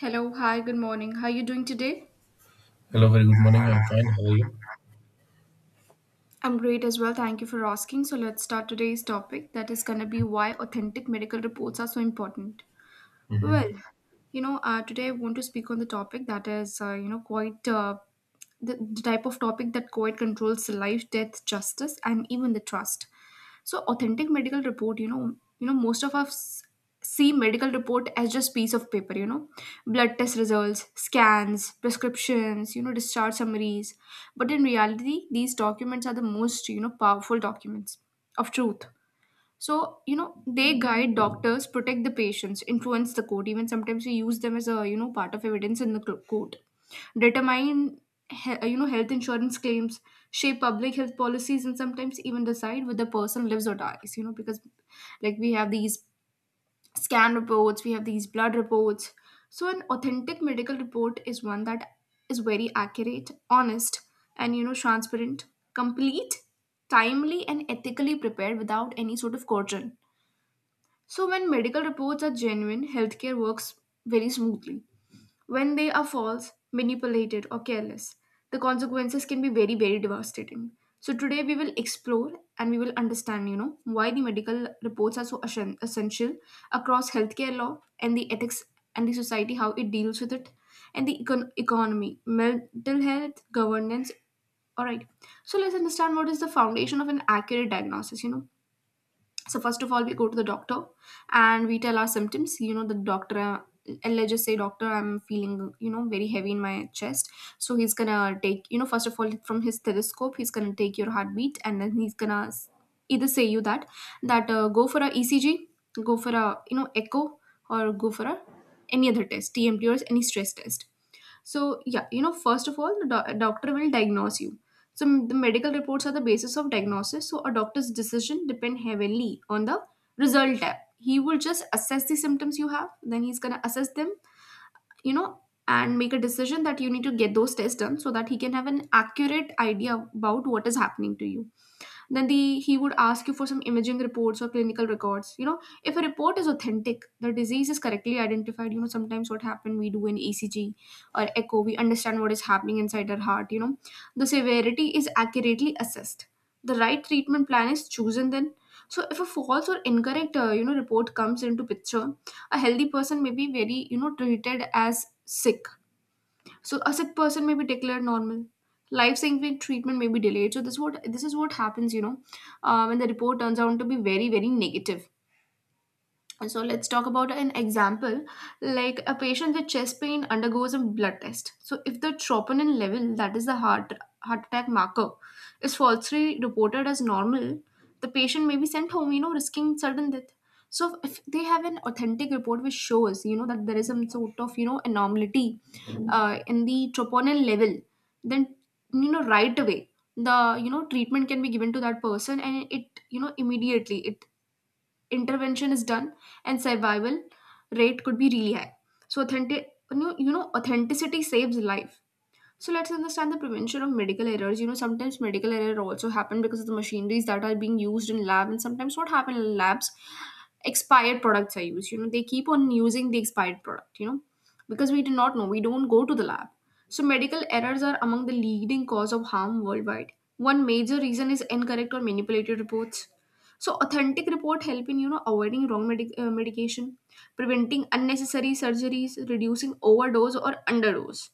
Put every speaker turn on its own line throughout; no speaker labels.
Hello, hi, good morning. How are you doing today?
Hello, very good morning. I'm fine. How are you?
I'm great as well. Thank you for asking. So let's start today's topic that is going to be why authentic medical reports are so important. Well, today I want to speak on the topic that is, you know, quite the type of topic that quite controls life, death, justice, and even the trust. So, authentic medical report, most of us see medical report as just piece of paper, blood test results, scans, prescriptions, discharge summaries. But in reality, these documents are the most, powerful documents of truth. So, they guide doctors, protect the patients, influence the court, even sometimes we use them as a, part of evidence in the court, determine, health insurance claims, shape public health policies, and sometimes even decide whether the person lives or dies, because like we have these scan reports, we have these blood reports. So, an authentic medical report is one that is very accurate, honest, and, transparent, complete, timely, and ethically prepared without any sort of coercion. So, when medical reports are genuine, healthcare works very smoothly. When they are false, manipulated, or careless, the consequences can be very, very devastating. So, today we will explore and we will understand, why the medical reports are so essential across healthcare law and the ethics and the society, how it deals with it, and the economy, mental health, governance. All right. So, let's understand what is the foundation of an accurate diagnosis. So first of all, we go to the doctor and we tell our symptoms. The doctor and let's just say, doctor, I'm feeling very heavy in my chest. So he's gonna take, first of all, from his stethoscope, he's gonna take your heartbeat, and then either say you that go for a ECG, go for a echo, or go for a any other test, TMT or any stress test. So, yeah, first of all, the doctor will diagnose you. So, the medical reports are the basis of diagnosis. So, a doctor's decision depend heavily on the result tab. He will just assess the symptoms you have, then he's gonna assess them, you know, and make a decision that you need to get those tests done so that he can have an accurate idea about what is happening to you. Then the he would ask you for some imaging reports or clinical records. If a report is authentic, the disease is correctly identified. Sometimes what happened, we do an ECG or echo, we understand what is happening inside our heart. The severity is accurately assessed, the right treatment plan is chosen. Then, so if a false or incorrect report comes into picture, a healthy person may be very treated as sick, so a sick person may be declared normal. Life-saving treatment may be delayed. So this what this is what happens, when the report turns out to be very, very negative. And so let's talk about an example. Like, a patient with chest pain undergoes a blood test. So if the troponin level, that is the heart attack marker, is falsely reported as normal, the patient may be sent home, risking sudden death. So if they have an authentic report which shows, that there is some sort of, anomaly in the troponin level, then right away the treatment can be given to that person, and it immediately it intervention is done and survival rate could be really high. So authentic, authenticity saves life. So let's understand the prevention of medical errors. You know, sometimes medical error also happen because of the machineries that are being used in lab, and sometimes what happen in labs, expired products are used. You know, they keep on using the expired product. You know, because we do not know, we don't go to the lab. So medical errors are among the leading cause of harm worldwide. One major reason is incorrect or manipulated reports. So authentic report help in avoiding wrong medication, preventing unnecessary surgeries, reducing overdose or underdose,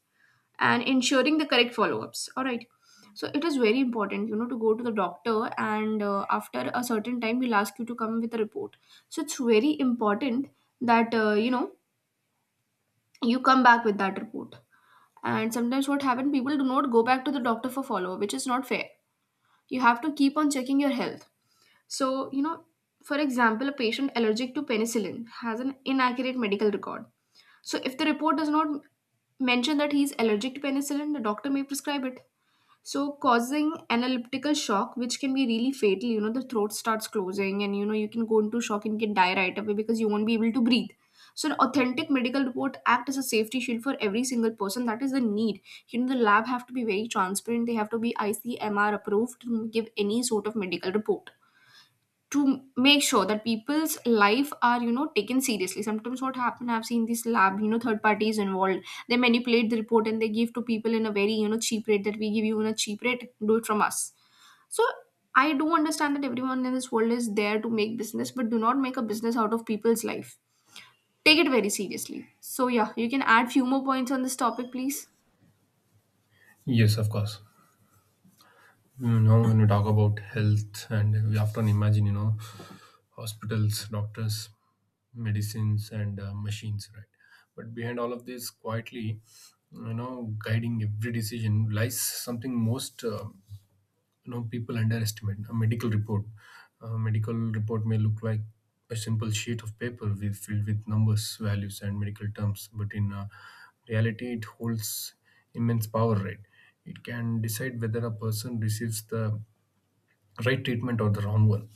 and ensuring the correct follow-ups. All right, so it is very important, to go to the doctor, and after a certain time we will ask you to come with a report. So it's very important that you come back with that report. And sometimes what happens, people do not go back to the doctor for follow-up, which is not fair. You have to keep on checking your health. So, for example, a patient allergic to penicillin has an inaccurate medical record. So if the report does not mention that he is allergic to penicillin, the doctor may prescribe it, so causing an elliptical shock which can be really fatal. You know, the throat starts closing and, you can go into shock and can die right away because you won't be able to breathe. So an authentic medical report act as a safety shield for every single person. That is the need. You know, the lab have to be very transparent. They have to be ICMR approved to give any sort of medical report, to make sure that people's life are, taken seriously. Sometimes what happen, I've seen this lab, third parties involved, they manipulate the report and they give to people in a very, cheap rate, that we give you in a cheap rate, do it from us. So I do understand that everyone in this world is there to make business, but do not make a business out of people's life. Take it very seriously. So, yeah, you can add few more points on this topic, please.
Yes, of course. When we talk about health, and we often imagine, hospitals, doctors, medicines, and machines, right? But behind all of this, quietly, guiding every decision lies something most people underestimate a medical report. A medical report may look like a simple sheet of paper with filled with numbers, values and medical terms, but in reality it holds immense power, right? It can decide whether a person receives the right treatment or the wrong one,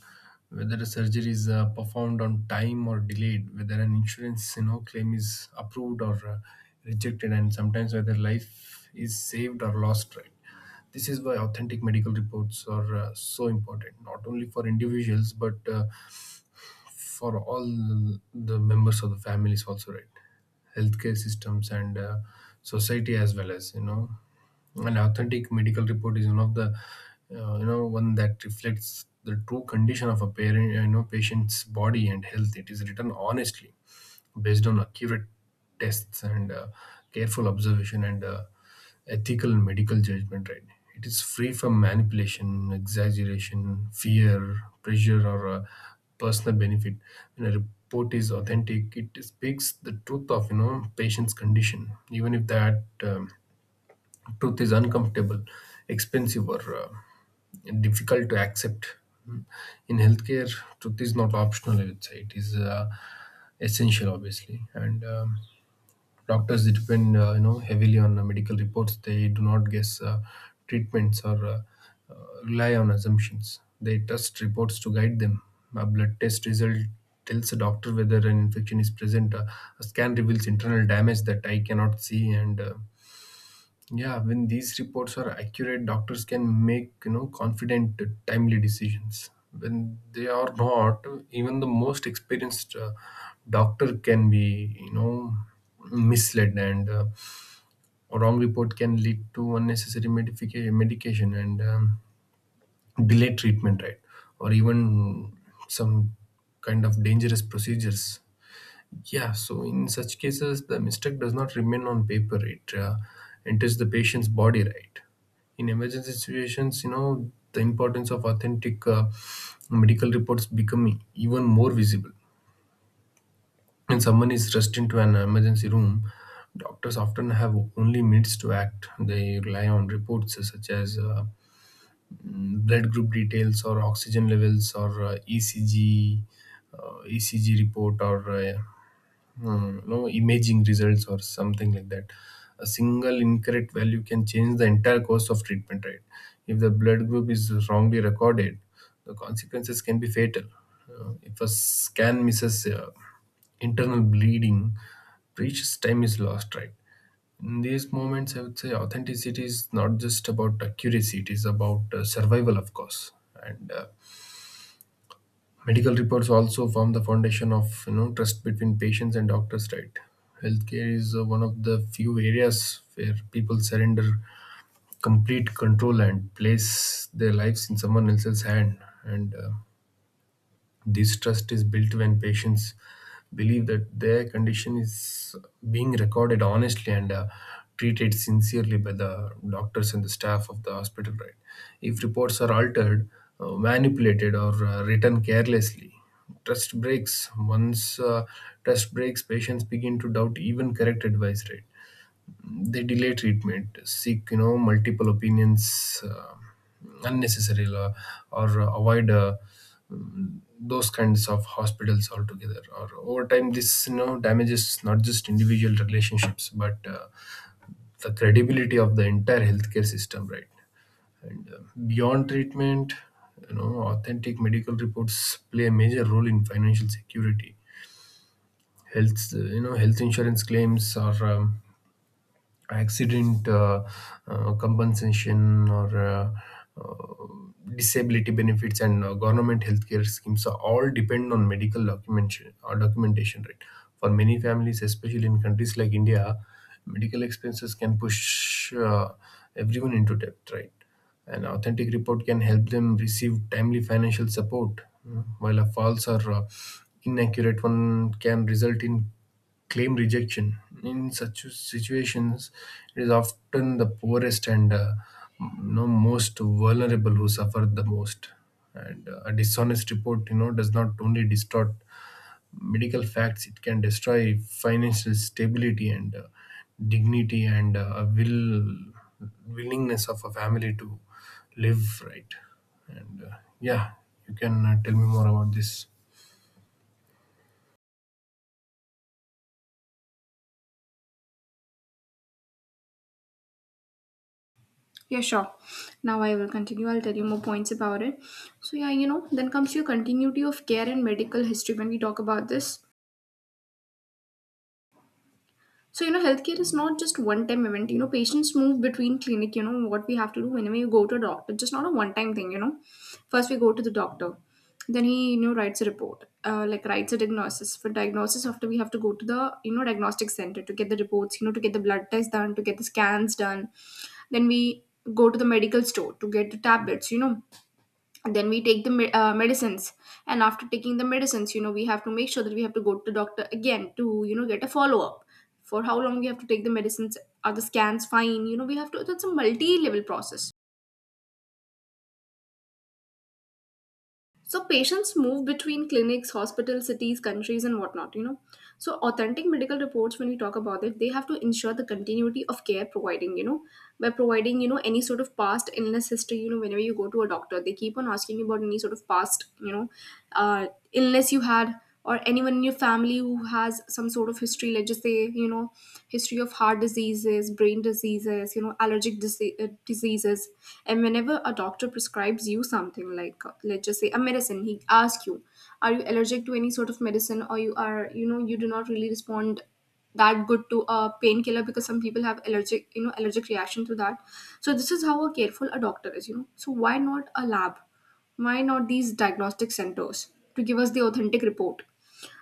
whether the surgery is performed on time or delayed, whether an insurance claim is approved or rejected, and sometimes whether life is saved or lost, right? This is why authentic medical reports are so important, not only for individuals but for all the members of the families also, right? Healthcare systems and society as well. As you know an authentic medical report is one of the you know one that reflects the true condition of a parent you know patient's body and health. It is written honestly, based on accurate tests and careful observation, and ethical and medical judgment, right? It is free from manipulation, exaggeration, fear, pressure, or personal benefit. When a report is authentic, it speaks the truth of patient's condition, even if that truth is uncomfortable, expensive, or difficult to accept. Mm. In healthcare, truth is not optional. I would say it is essential, obviously. And Doctors depend, heavily on medical reports. They do not guess treatments or uh, rely on assumptions. They trust reports to guide them. A blood test result tells a doctor whether an infection is present. A scan reveals internal damage that I cannot see, and yeah, when these reports are accurate, doctors can make confident, timely decisions. When they are not, even the most experienced doctor can be misled, and a wrong report can lead to unnecessary medication and delayed treatment, right? Or even some kind of dangerous procedures. Yeah, so in such cases, the mistake does not remain on paper. It enters the patient's body, right? In emergency situations, the importance of authentic medical reports become even more visible. When someone is rushed into an emergency room, doctors often have only minutes to act. They rely on reports such as blood group details, or oxygen levels, or uh, ECG, uh, ECG report, or no imaging results or something like that. A single incorrect value can change the entire course of treatment, right? If the blood group is wrongly recorded, the consequences can be fatal. If a scan misses internal bleeding, precious time is lost, right? In these moments, I would say authenticity is not just about accuracy, it is about survival, of course. And medical reports also form the foundation of trust between patients and doctors, right? Healthcare is one of the few areas where people surrender complete control and place their lives in someone else's hand. And this trust is built when patients believe that their condition is being recorded honestly and treated sincerely by the doctors and the staff of the hospital, right? If reports are altered, manipulated, or written carelessly, trust breaks. Once trust breaks, patients begin to doubt even correct advice, right? They delay treatment, seek multiple opinions, unnecessary, or avoid those kinds of hospitals altogether. Or over time this damages not just individual relationships but the credibility of the entire healthcare system, right? And beyond treatment, authentic medical reports play a major role in financial security. Health health insurance claims, or accident compensation, or uh, disability benefits, and government healthcare schemes are all depend on medical documentation or documentation, right? For many families, especially in countries like India, medical expenses can push everyone into debt, right? An authentic report can help them receive timely financial support, mm, while a false or inaccurate one can result in claim rejection. In such situations, it is often the poorest and most vulnerable who suffer the most. And a dishonest report, does not only distort medical facts; it can destroy financial stability and dignity and a willingness of a family to live, right. And yeah, you can tell me more about this.
Yeah, sure. Now I will continue. I'll tell you more points about it. So, yeah, then comes your continuity of care and medical history when we talk about this. So, you know, healthcare is not just one time event. You know, patients move between clinic, you know, what we have to do whenever you go to a doctor, just not a one time thing, you know. First, we go to the doctor. Then he, writes a report, like writes a diagnosis. For diagnosis, after we have to go to the, diagnostic center to get the reports, to get the blood test done, to get the scans done. Then we go to the medical store to get the tablets. Then we take the medicines, and after taking the medicines, we have to make sure that we have to go to doctor again to get a follow up, for how long we have to take the medicines, are the scans fine. You know, we have to, that's a multi level process. So patients move between clinics, hospitals, cities, countries, and whatnot, you know. So authentic medical reports, when we talk about it, they have to ensure the continuity of care providing, by providing, any sort of past illness history. You know, whenever you go to a doctor, they keep on asking you about any sort of past, illness you had, or anyone in your family who has some sort of history. Let's just say, you know history of heart diseases, brain diseases, allergic diseases. And whenever a doctor prescribes you something like, let's just say a medicine, he asks you, are you allergic to any sort of medicine, or you are, you do not really respond that good to a painkiller, because some people have allergic, allergic reaction to that. So this is how a careful a doctor is. So why not a lab, why not these diagnostic centers, to give us the authentic report.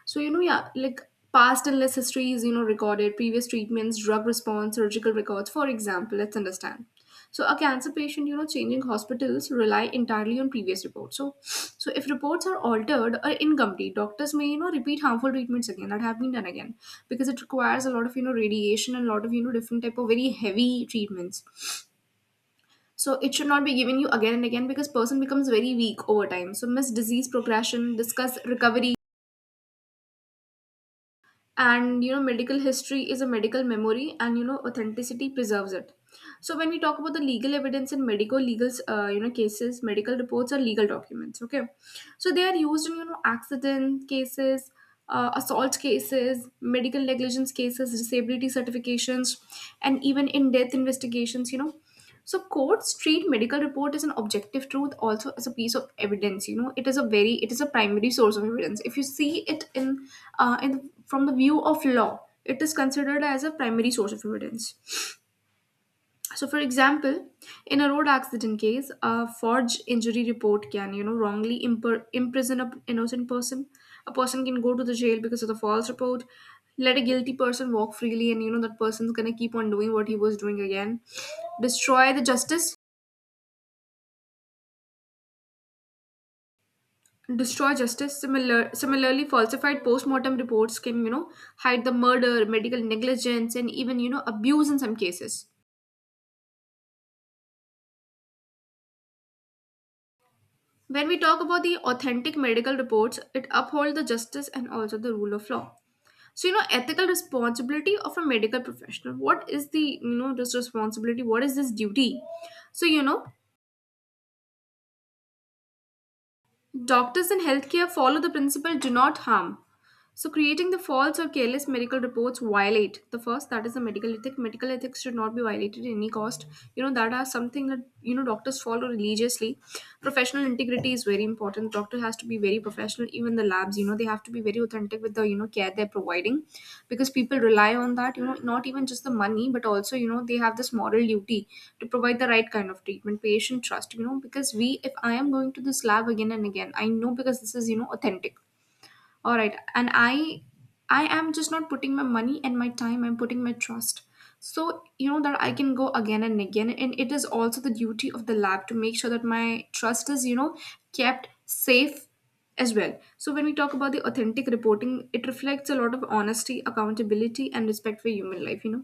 So, like past illness history is, recorded, previous treatments, drug response, surgical records, for example, let's understand. So a cancer patient, changing hospitals rely entirely on previous reports. So if reports are altered or incomplete, doctors may, repeat harmful treatments again that have been done again, because it requires a lot of, radiation and a lot of, different type of very heavy treatments. So it should not be given you again and again, because person becomes very weak over time. So miss disease progression, discuss recovery, and you know medical history is a medical memory, and you know authenticity preserves it. So when we talk about the legal evidence in medical legal you know cases, medical reports are legal documents, okay. So they are used in you know accident cases, assault cases, medical negligence cases, disability certifications, and even in death investigations, you know. So courts treat medical report as an objective truth, also as a piece of evidence. You know, it is a very, it is a primary source of evidence. If you see it in the, from the view of law, it is considered as a primary source of evidence. So, for example, in a road accident case, a forged injury report can, you know, wrongly imprison an innocent person. A person can go to the jail because of the false report. Let a guilty person walk freely, and you know that person's gonna keep on doing what he was doing again. Destroy the justice, destroy justice. Similarly, falsified post-mortem reports can, you know, hide the murder, medical negligence, and even, you know, abuse in some cases. When we talk about the authentic medical reports, it upholds the justice and also the rule of law. So, you know, ethical responsibility of a medical professional. What is the, you know, this responsibility? What is this duty? So, you know, doctors in healthcare follow the principle do not harm. So creating the false or careless medical reports violate the first that is the medical ethic. Medical ethics should not be violated at any cost. You know, that are something that you know doctors follow religiously. Professional integrity is very important. Doctor has to be very professional. Even the labs, you know, they have to be very authentic with the you know care they're providing, because people rely on that. You know, not even just the money, but also you know they have this moral duty to provide the right kind of treatment, patient trust. You know, because we, if I am going to this lab again and again, I know because this is you know authentic, all right, and I am just not putting my money and my time, I'm putting my trust. So you know that I can go again and again, and it is also the duty of the lab to make sure that my trust is you know kept safe as well. So when we talk about the authentic reporting, it reflects a lot of honesty, accountability and respect for human life, you know.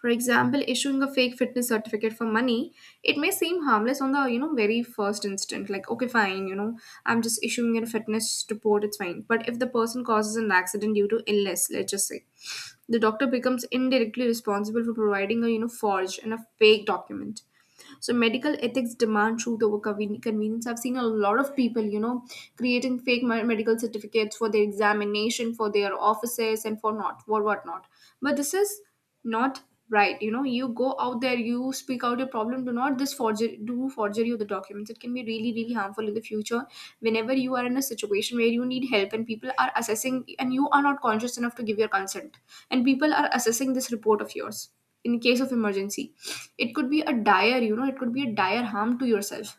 For example, issuing a fake fitness certificate for money, it may seem harmless on the you know very first instant. Like okay, fine, you know, I'm just issuing a fitness report, it's fine. But if the person causes an accident due to illness, let's just say, the doctor becomes indirectly responsible for providing a you know forged and a fake document. So medical ethics demand truth over convenience. I've seen a lot of people, you know, creating fake medical certificates for their examination, for their offices, and for not for whatnot. But this is not right. You know, you go out there, you speak out your problem. Do not this forgery, do forgery of the documents. It can be really, really harmful in the future. Whenever you are in a situation where you need help and people are assessing, and you are not conscious enough to give your consent, and people are assessing this report of yours in case of emergency. It could be a dire, you know, it could be a dire harm to yourself.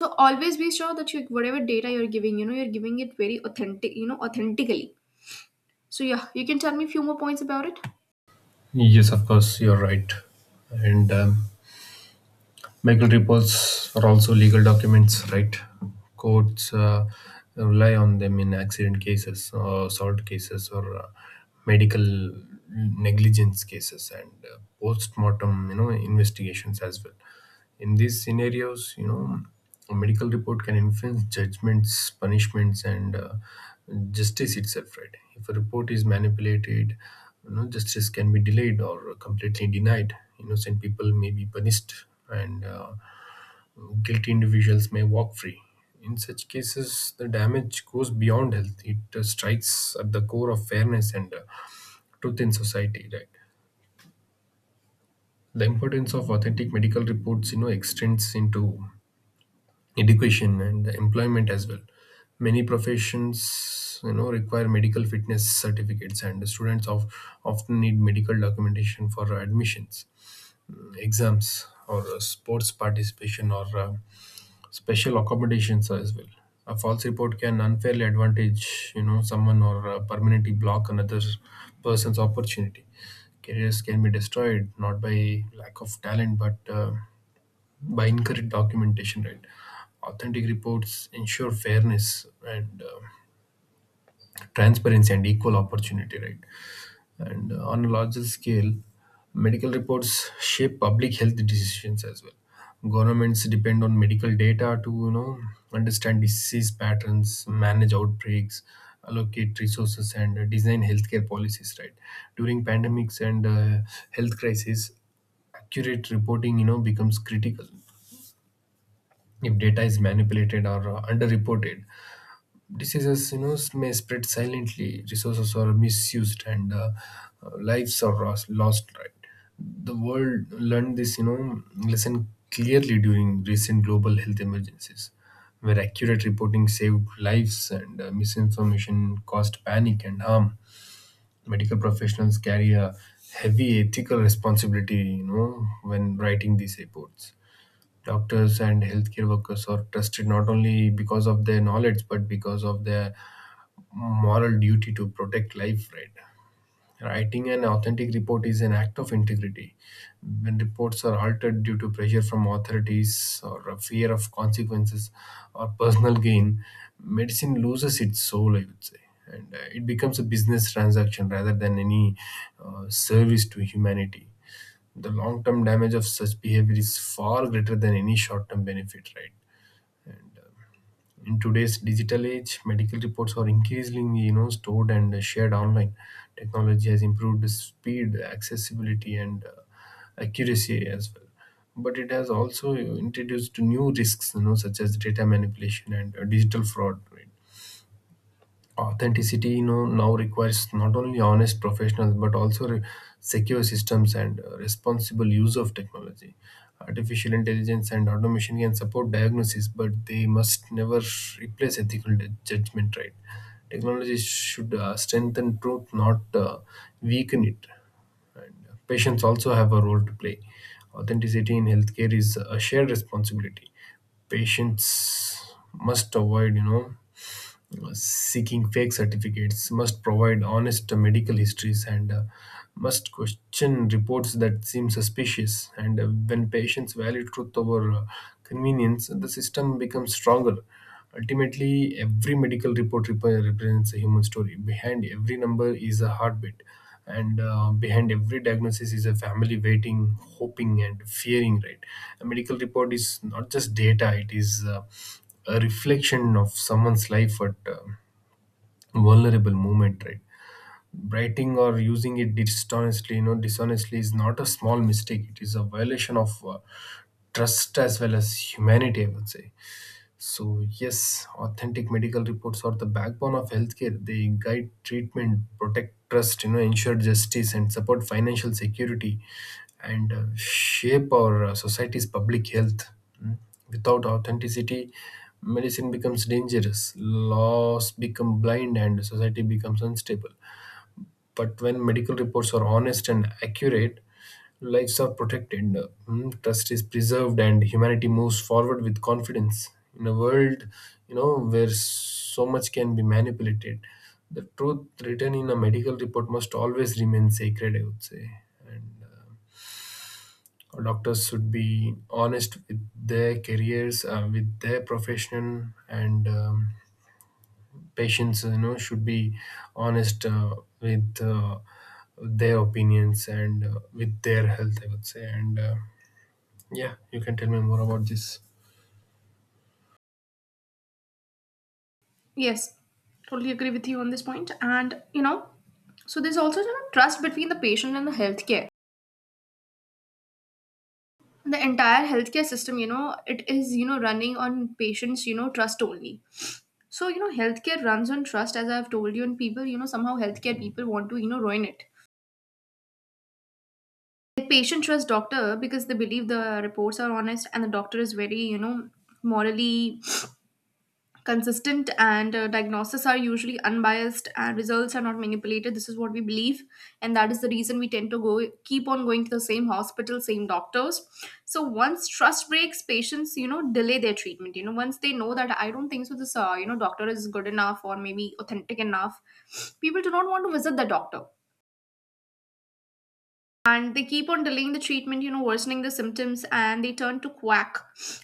So always be sure that you whatever data you're giving, you know, you're giving it very authentic, you know, authentically. So yeah, you can tell me a few more points about it.
Yes, of course, you're right. And medical reports are also legal documents, right? Courts rely on them in accident cases, assault cases, or medical negligence cases, and post-mortem, investigations as well. In these scenarios, a medical report can influence judgments, punishments, and justice itself, right? If a report is manipulated, justice can be delayed or completely denied. Innocent people may be punished, and guilty individuals may walk free. In such cases, the damage goes beyond health. It strikes at the core of fairness and truth in society, right? The importance of authentic medical reports, extends into education and employment as well. Many professions require medical fitness certificates, and often need medical documentation for admissions, exams, or sports participation, or special accommodations as well. A false report can unfairly advantage someone, or permanently block another person's opportunity. Careers can be destroyed, not by lack of talent but by incorrect documentation, right? Authentic reports ensure fairness and transparency and equal opportunity, right? And on a larger scale, medical reports shape public health decisions as well. Governments depend on medical data to, understand disease patterns, manage outbreaks, allocate resources, and design healthcare policies, right? During pandemics and health crises, accurate reporting becomes critical. If data is manipulated or underreported, diseases may spread silently, resources are misused, and lives are lost, right? The world learned this lesson clearly during recent global health emergencies, where accurate reporting saved lives and misinformation caused panic and harm. Medical professionals carry a heavy ethical responsibility when writing these reports. Doctors and healthcare workers are trusted not only because of their knowledge but because of their moral duty to protect life, right? Writing an authentic report is an act of integrity. When reports are altered due to pressure from authorities, or a fear of consequences, or personal gain, medicine loses its soul, I would say. And it becomes a business transaction rather than any service to humanity. The long term damage of such behavior is far greater than any short term benefit, right? And in today's digital age, medical reports are increasingly stored and shared online. Technology has improved the speed, accessibility, and accuracy as well. But it has also introduced new risks, such as data manipulation and digital fraud, right? Authenticity now requires not only honest professionals but also secure systems and responsible use of technology. Artificial intelligence and automation can support diagnosis, but they must never replace ethical judgment, right? Technology should strengthen truth, not weaken it. Patients also have a role to play. Authenticity in healthcare is a shared responsibility. Patients must avoid seeking fake certificates, must provide honest medical histories, and must question reports that seem suspicious. And when patients value truth over convenience, the system becomes stronger. Ultimately, every medical report represents a human story. Behind every number is a heartbeat, and behind every diagnosis is a family waiting, hoping, and fearing, right? A medical report is not just data; it is a reflection of someone's life at a vulnerable moment, right? Writing or using it dishonestly, dishonestly, is not a small mistake. It is a violation of trust as well as humanity, I would say. So, yes, authentic medical reports are the backbone of healthcare. They guide treatment, protect trust, ensure justice, and support financial security, and shape our society's public health. Mm. Without authenticity, medicine becomes dangerous, laws become blind, and society becomes unstable. But when medical reports are honest and accurate, lives are protected, trust is preserved, and humanity moves forward with confidence. In a world, where so much can be manipulated, the truth written in a medical report must always remain sacred. I would say. And Doctors should be honest with their careers, with their profession, and patients should be honest, with their opinions and with their health, I would say. And Yeah, you can tell me more about this.
Yes, totally agree with you on this point. And you know, so there's also you know, trust between the patient and the healthcare. The entire healthcare system, you know, it is you know running on patients, you know, trust only. So you know, healthcare runs on trust, as I've told you, and people, you know, somehow healthcare people want to you know ruin it. Like patient trusts doctor because they believe the reports are honest and the doctor is very you know morally consistent, and diagnoses are usually unbiased and results are not manipulated, this is what we believe, and that is the reason we tend to go keep on going to the same hospital, same doctors. So once trust breaks, patients you know delay their treatment, you know, once they know that I don't think so this you know doctor is good enough or maybe authentic enough, people do not want to visit the doctor and they keep on delaying the treatment, you know, worsening the symptoms, and they turn to quack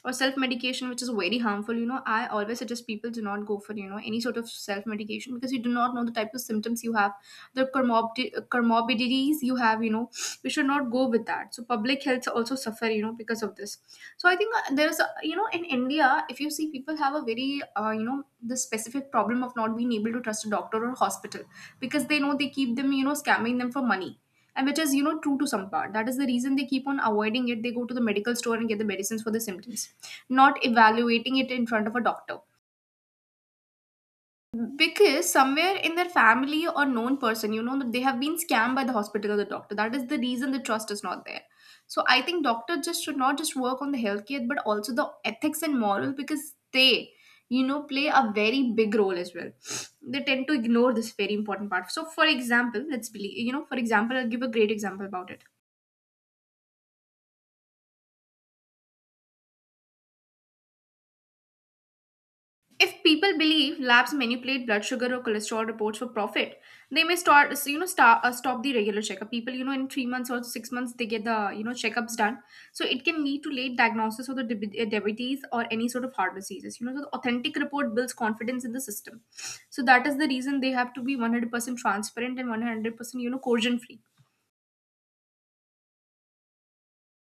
or self medication, which is very harmful. You know, I always suggest people do not go for you know any sort of self medication because you do not know the type of symptoms you have, the comorbidities you have, you know, we should not go with that. So public health also suffer, you know, because of this. So I think there's a, you know, in India, if you see, people have a very you know the specific problem of not being able to trust a doctor or hospital because they know they keep them you know scamming them for money, and which is you know true to some part. That is the reason they keep on avoiding it, they go to the medical store and get the medicines for the symptoms, not evaluating it in front of a doctor, because somewhere in their family or known person you know that they have been scammed by the hospital or the doctor, that is the reason the trust is not there. So I think doctors just should not just work on the healthcare but also the ethics and moral, because they you know play a very big role as well. They tend to ignore this very important part. So for example, let's believe, you know, for example, I'll give a great example about it. If people believe labs manipulate blood sugar or cholesterol reports for profit, they may start, you know, start, stop the regular checkup. People, you know, in 3 months or 6 months, they get the, you know, checkups done. So it can lead to late diagnosis of the diabetes or any sort of heart diseases. You know, so the authentic report builds confidence in the system. So that is the reason they have to be 100% transparent and 100%, you know, coercion free.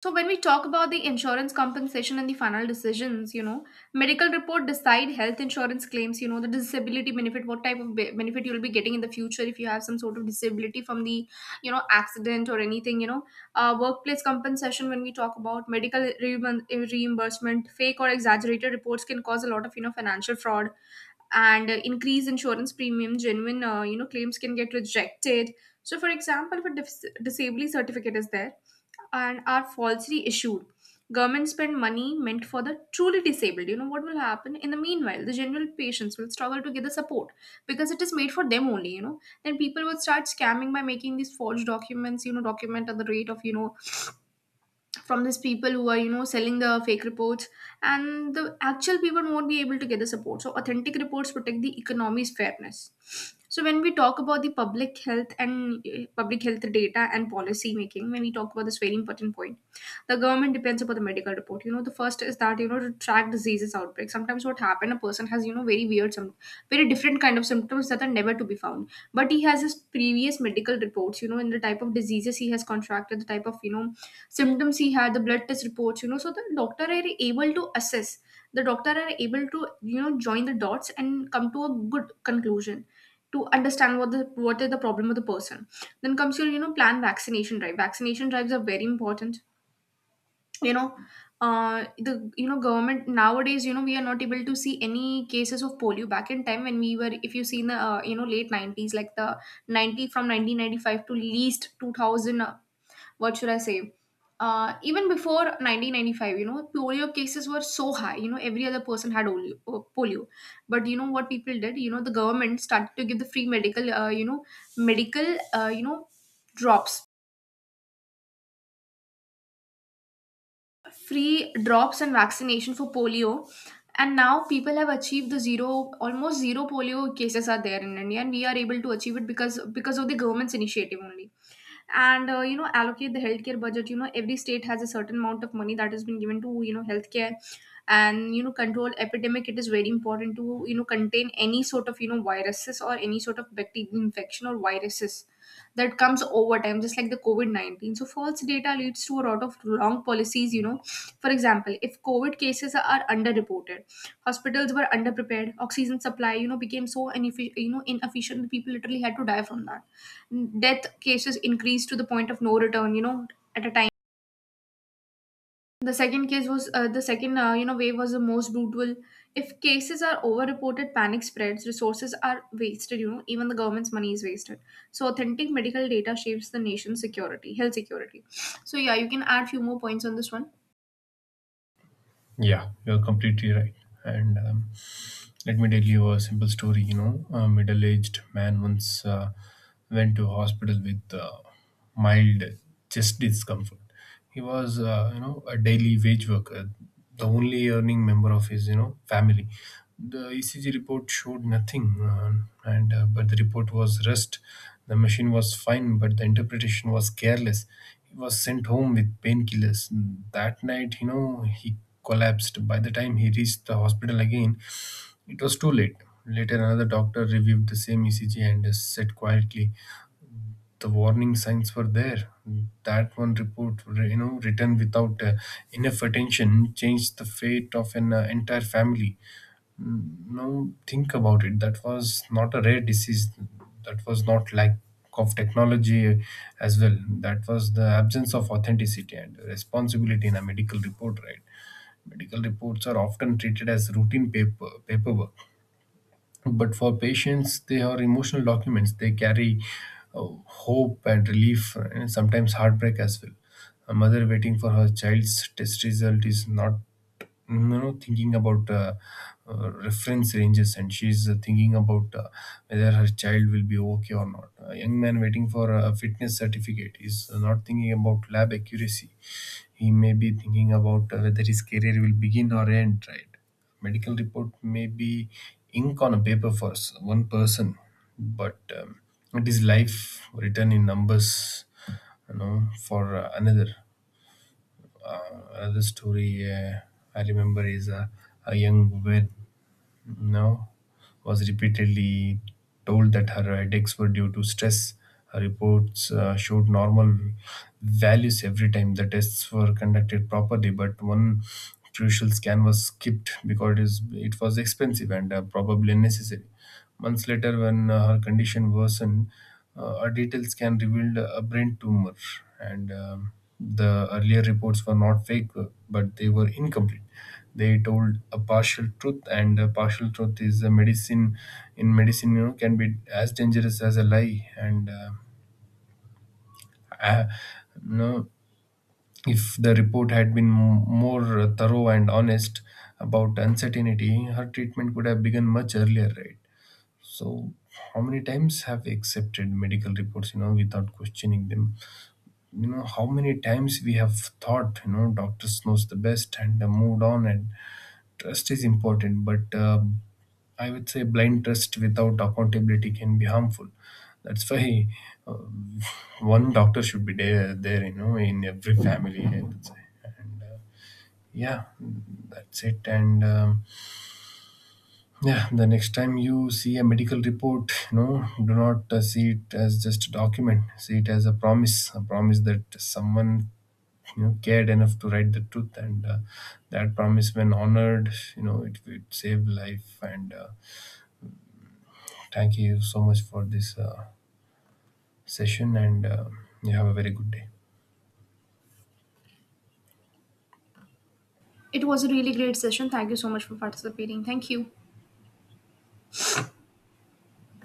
So when we talk about the insurance compensation and the final decisions, you know, medical report decide health insurance claims, you know, the disability benefit, what type of benefit you'll be getting in the future if you have some sort of disability from the, you know, accident or anything, you know, workplace compensation. When we talk about medical reimbursement, fake or exaggerated reports can cause a lot of, you know, financial fraud, and increase insurance premium, genuine you know claims can get rejected. So for example, if a disability certificate is there and are falsely issued. Government spend money meant for the truly disabled. You know what will happen? In the meanwhile, the general patients will struggle to get the support, because it is made for them only, you know. Then people would start scamming by making these forged documents, you know, document at the rate of, you know, from these people who are you know selling the fake reports, and the actual people won't be able to get the support. So authentic reports protect the economy's fairness. So when we talk about the public health and public health data and policy making, when we talk about this very important point, the government depends upon the medical report, you know. The first is that you know to track diseases outbreak. Sometimes what happen, a person has you know very weird some very different kind of symptoms that are never to be found, but he has his previous medical reports, you know, in the type of diseases he has contracted, the type of you know symptoms he had, the blood test reports, you know, so the doctor are able to you know join the dots and come to a good conclusion to understand what the what is the problem of the person. Then comes your you know plan vaccination drive. Vaccination drives are very important, you know. Uh, the you know government nowadays, you know, we are not able to see any cases of polio back in time when we were. If you see in the you know late 90s, like the 90 from 1995 to least 2000, what should I say? Even before 1995, you know, polio cases were so high. You know, every other person had polio. But you know what people did? You know, the government started to give the free medical, you know, medical, you know, drops, free drops and vaccination for polio. And now people have achieved the zero, almost zero polio cases are there in India, and we are able to achieve it because of the government's initiative only. And you know allocate the healthcare budget, you know every state has a certain amount of money that has been given to you know healthcare. And you know control epidemic, it is very important to you know contain any sort of you know viruses or any sort of bacterial infection or viruses that comes over time, just like the covid-19. So false data leads to a lot of wrong policies, you know. For example, if covid cases are underreported, hospitals were underprepared, oxygen supply you know became so inefficient, you know, inefficient people literally had to die from that. Death cases increased to the point of no return, you know, at a time. The second case was the second you know wave was the most brutal. If cases are overreported, panic spreads, resources are wasted, you know, even the government's money is wasted. So authentic medical data shapes the nation's security, health security. So yeah, you can add few more points on this one.
Yeah, you're completely right. And Let me tell you a simple story. You know, a middle-aged man once went to hospital with mild chest discomfort. He was, you know, a daily wage worker, the only earning member of his, you know, family. The ECG report showed nothing, and but the report was rust. The machine was fine, but the interpretation was careless. He was sent home with painkillers. That night, you know, he collapsed. By the time he reached the hospital again, it was too late. Later, another doctor reviewed the same ECG and said quietly, "The warning signs were there. That one report, you know, written without enough attention, changed the fate of an entire family." Now, think about it. That was not a rare disease. That was not lack of technology, as well. That was the absence of authenticity and responsibility in a medical report, right? Medical reports are often treated as routine paperwork, but for patients they are emotional documents. They carry hope and relief, and sometimes heartbreak as well. A mother waiting for her child's test result is not, thinking about reference ranges, and she's, thinking about whether her child will be okay or not. A young man waiting for a fitness certificate is not thinking about lab accuracy. He may be thinking about whether his career will begin or end, right? Medical report may be ink on a paper for one person, but it is life written in numbers, you know, for another. Another story I remember is a young woman, no, was repeatedly told that her headaches were due to stress. Her reports showed normal values every time. The tests were conducted properly, but one crucial scan was skipped because it was expensive and probably unnecessary. Months later, when her condition worsened, a detailed scan revealed a brain tumor, and the earlier reports were not fake, but they were incomplete. They told a partial truth, and a partial truth is a medicine in medicine, you know, can be as dangerous as a lie. And uh, you know, if the report had been more thorough and honest about uncertainty, her treatment could have begun much earlier, right? So how many times have we accepted medical reports, you know, without questioning them? You know, how many times we have thought, you know, doctors knows the best, and moved on? And trust is important, but I would say blind trust without accountability can be harmful. That's why uh, one doctor should be there, you know, in every family, I would say. And Yeah, that's it. And Yeah, the next time you see a medical report, you know, do not see it as just a document. See it as a promise that someone, you know, cared enough to write the truth, and that promise, when honored, you know, it would save life. And Thank you so much for this. Session, and you have a very good day.
It was a really great session, thank you so much for participating, thank you.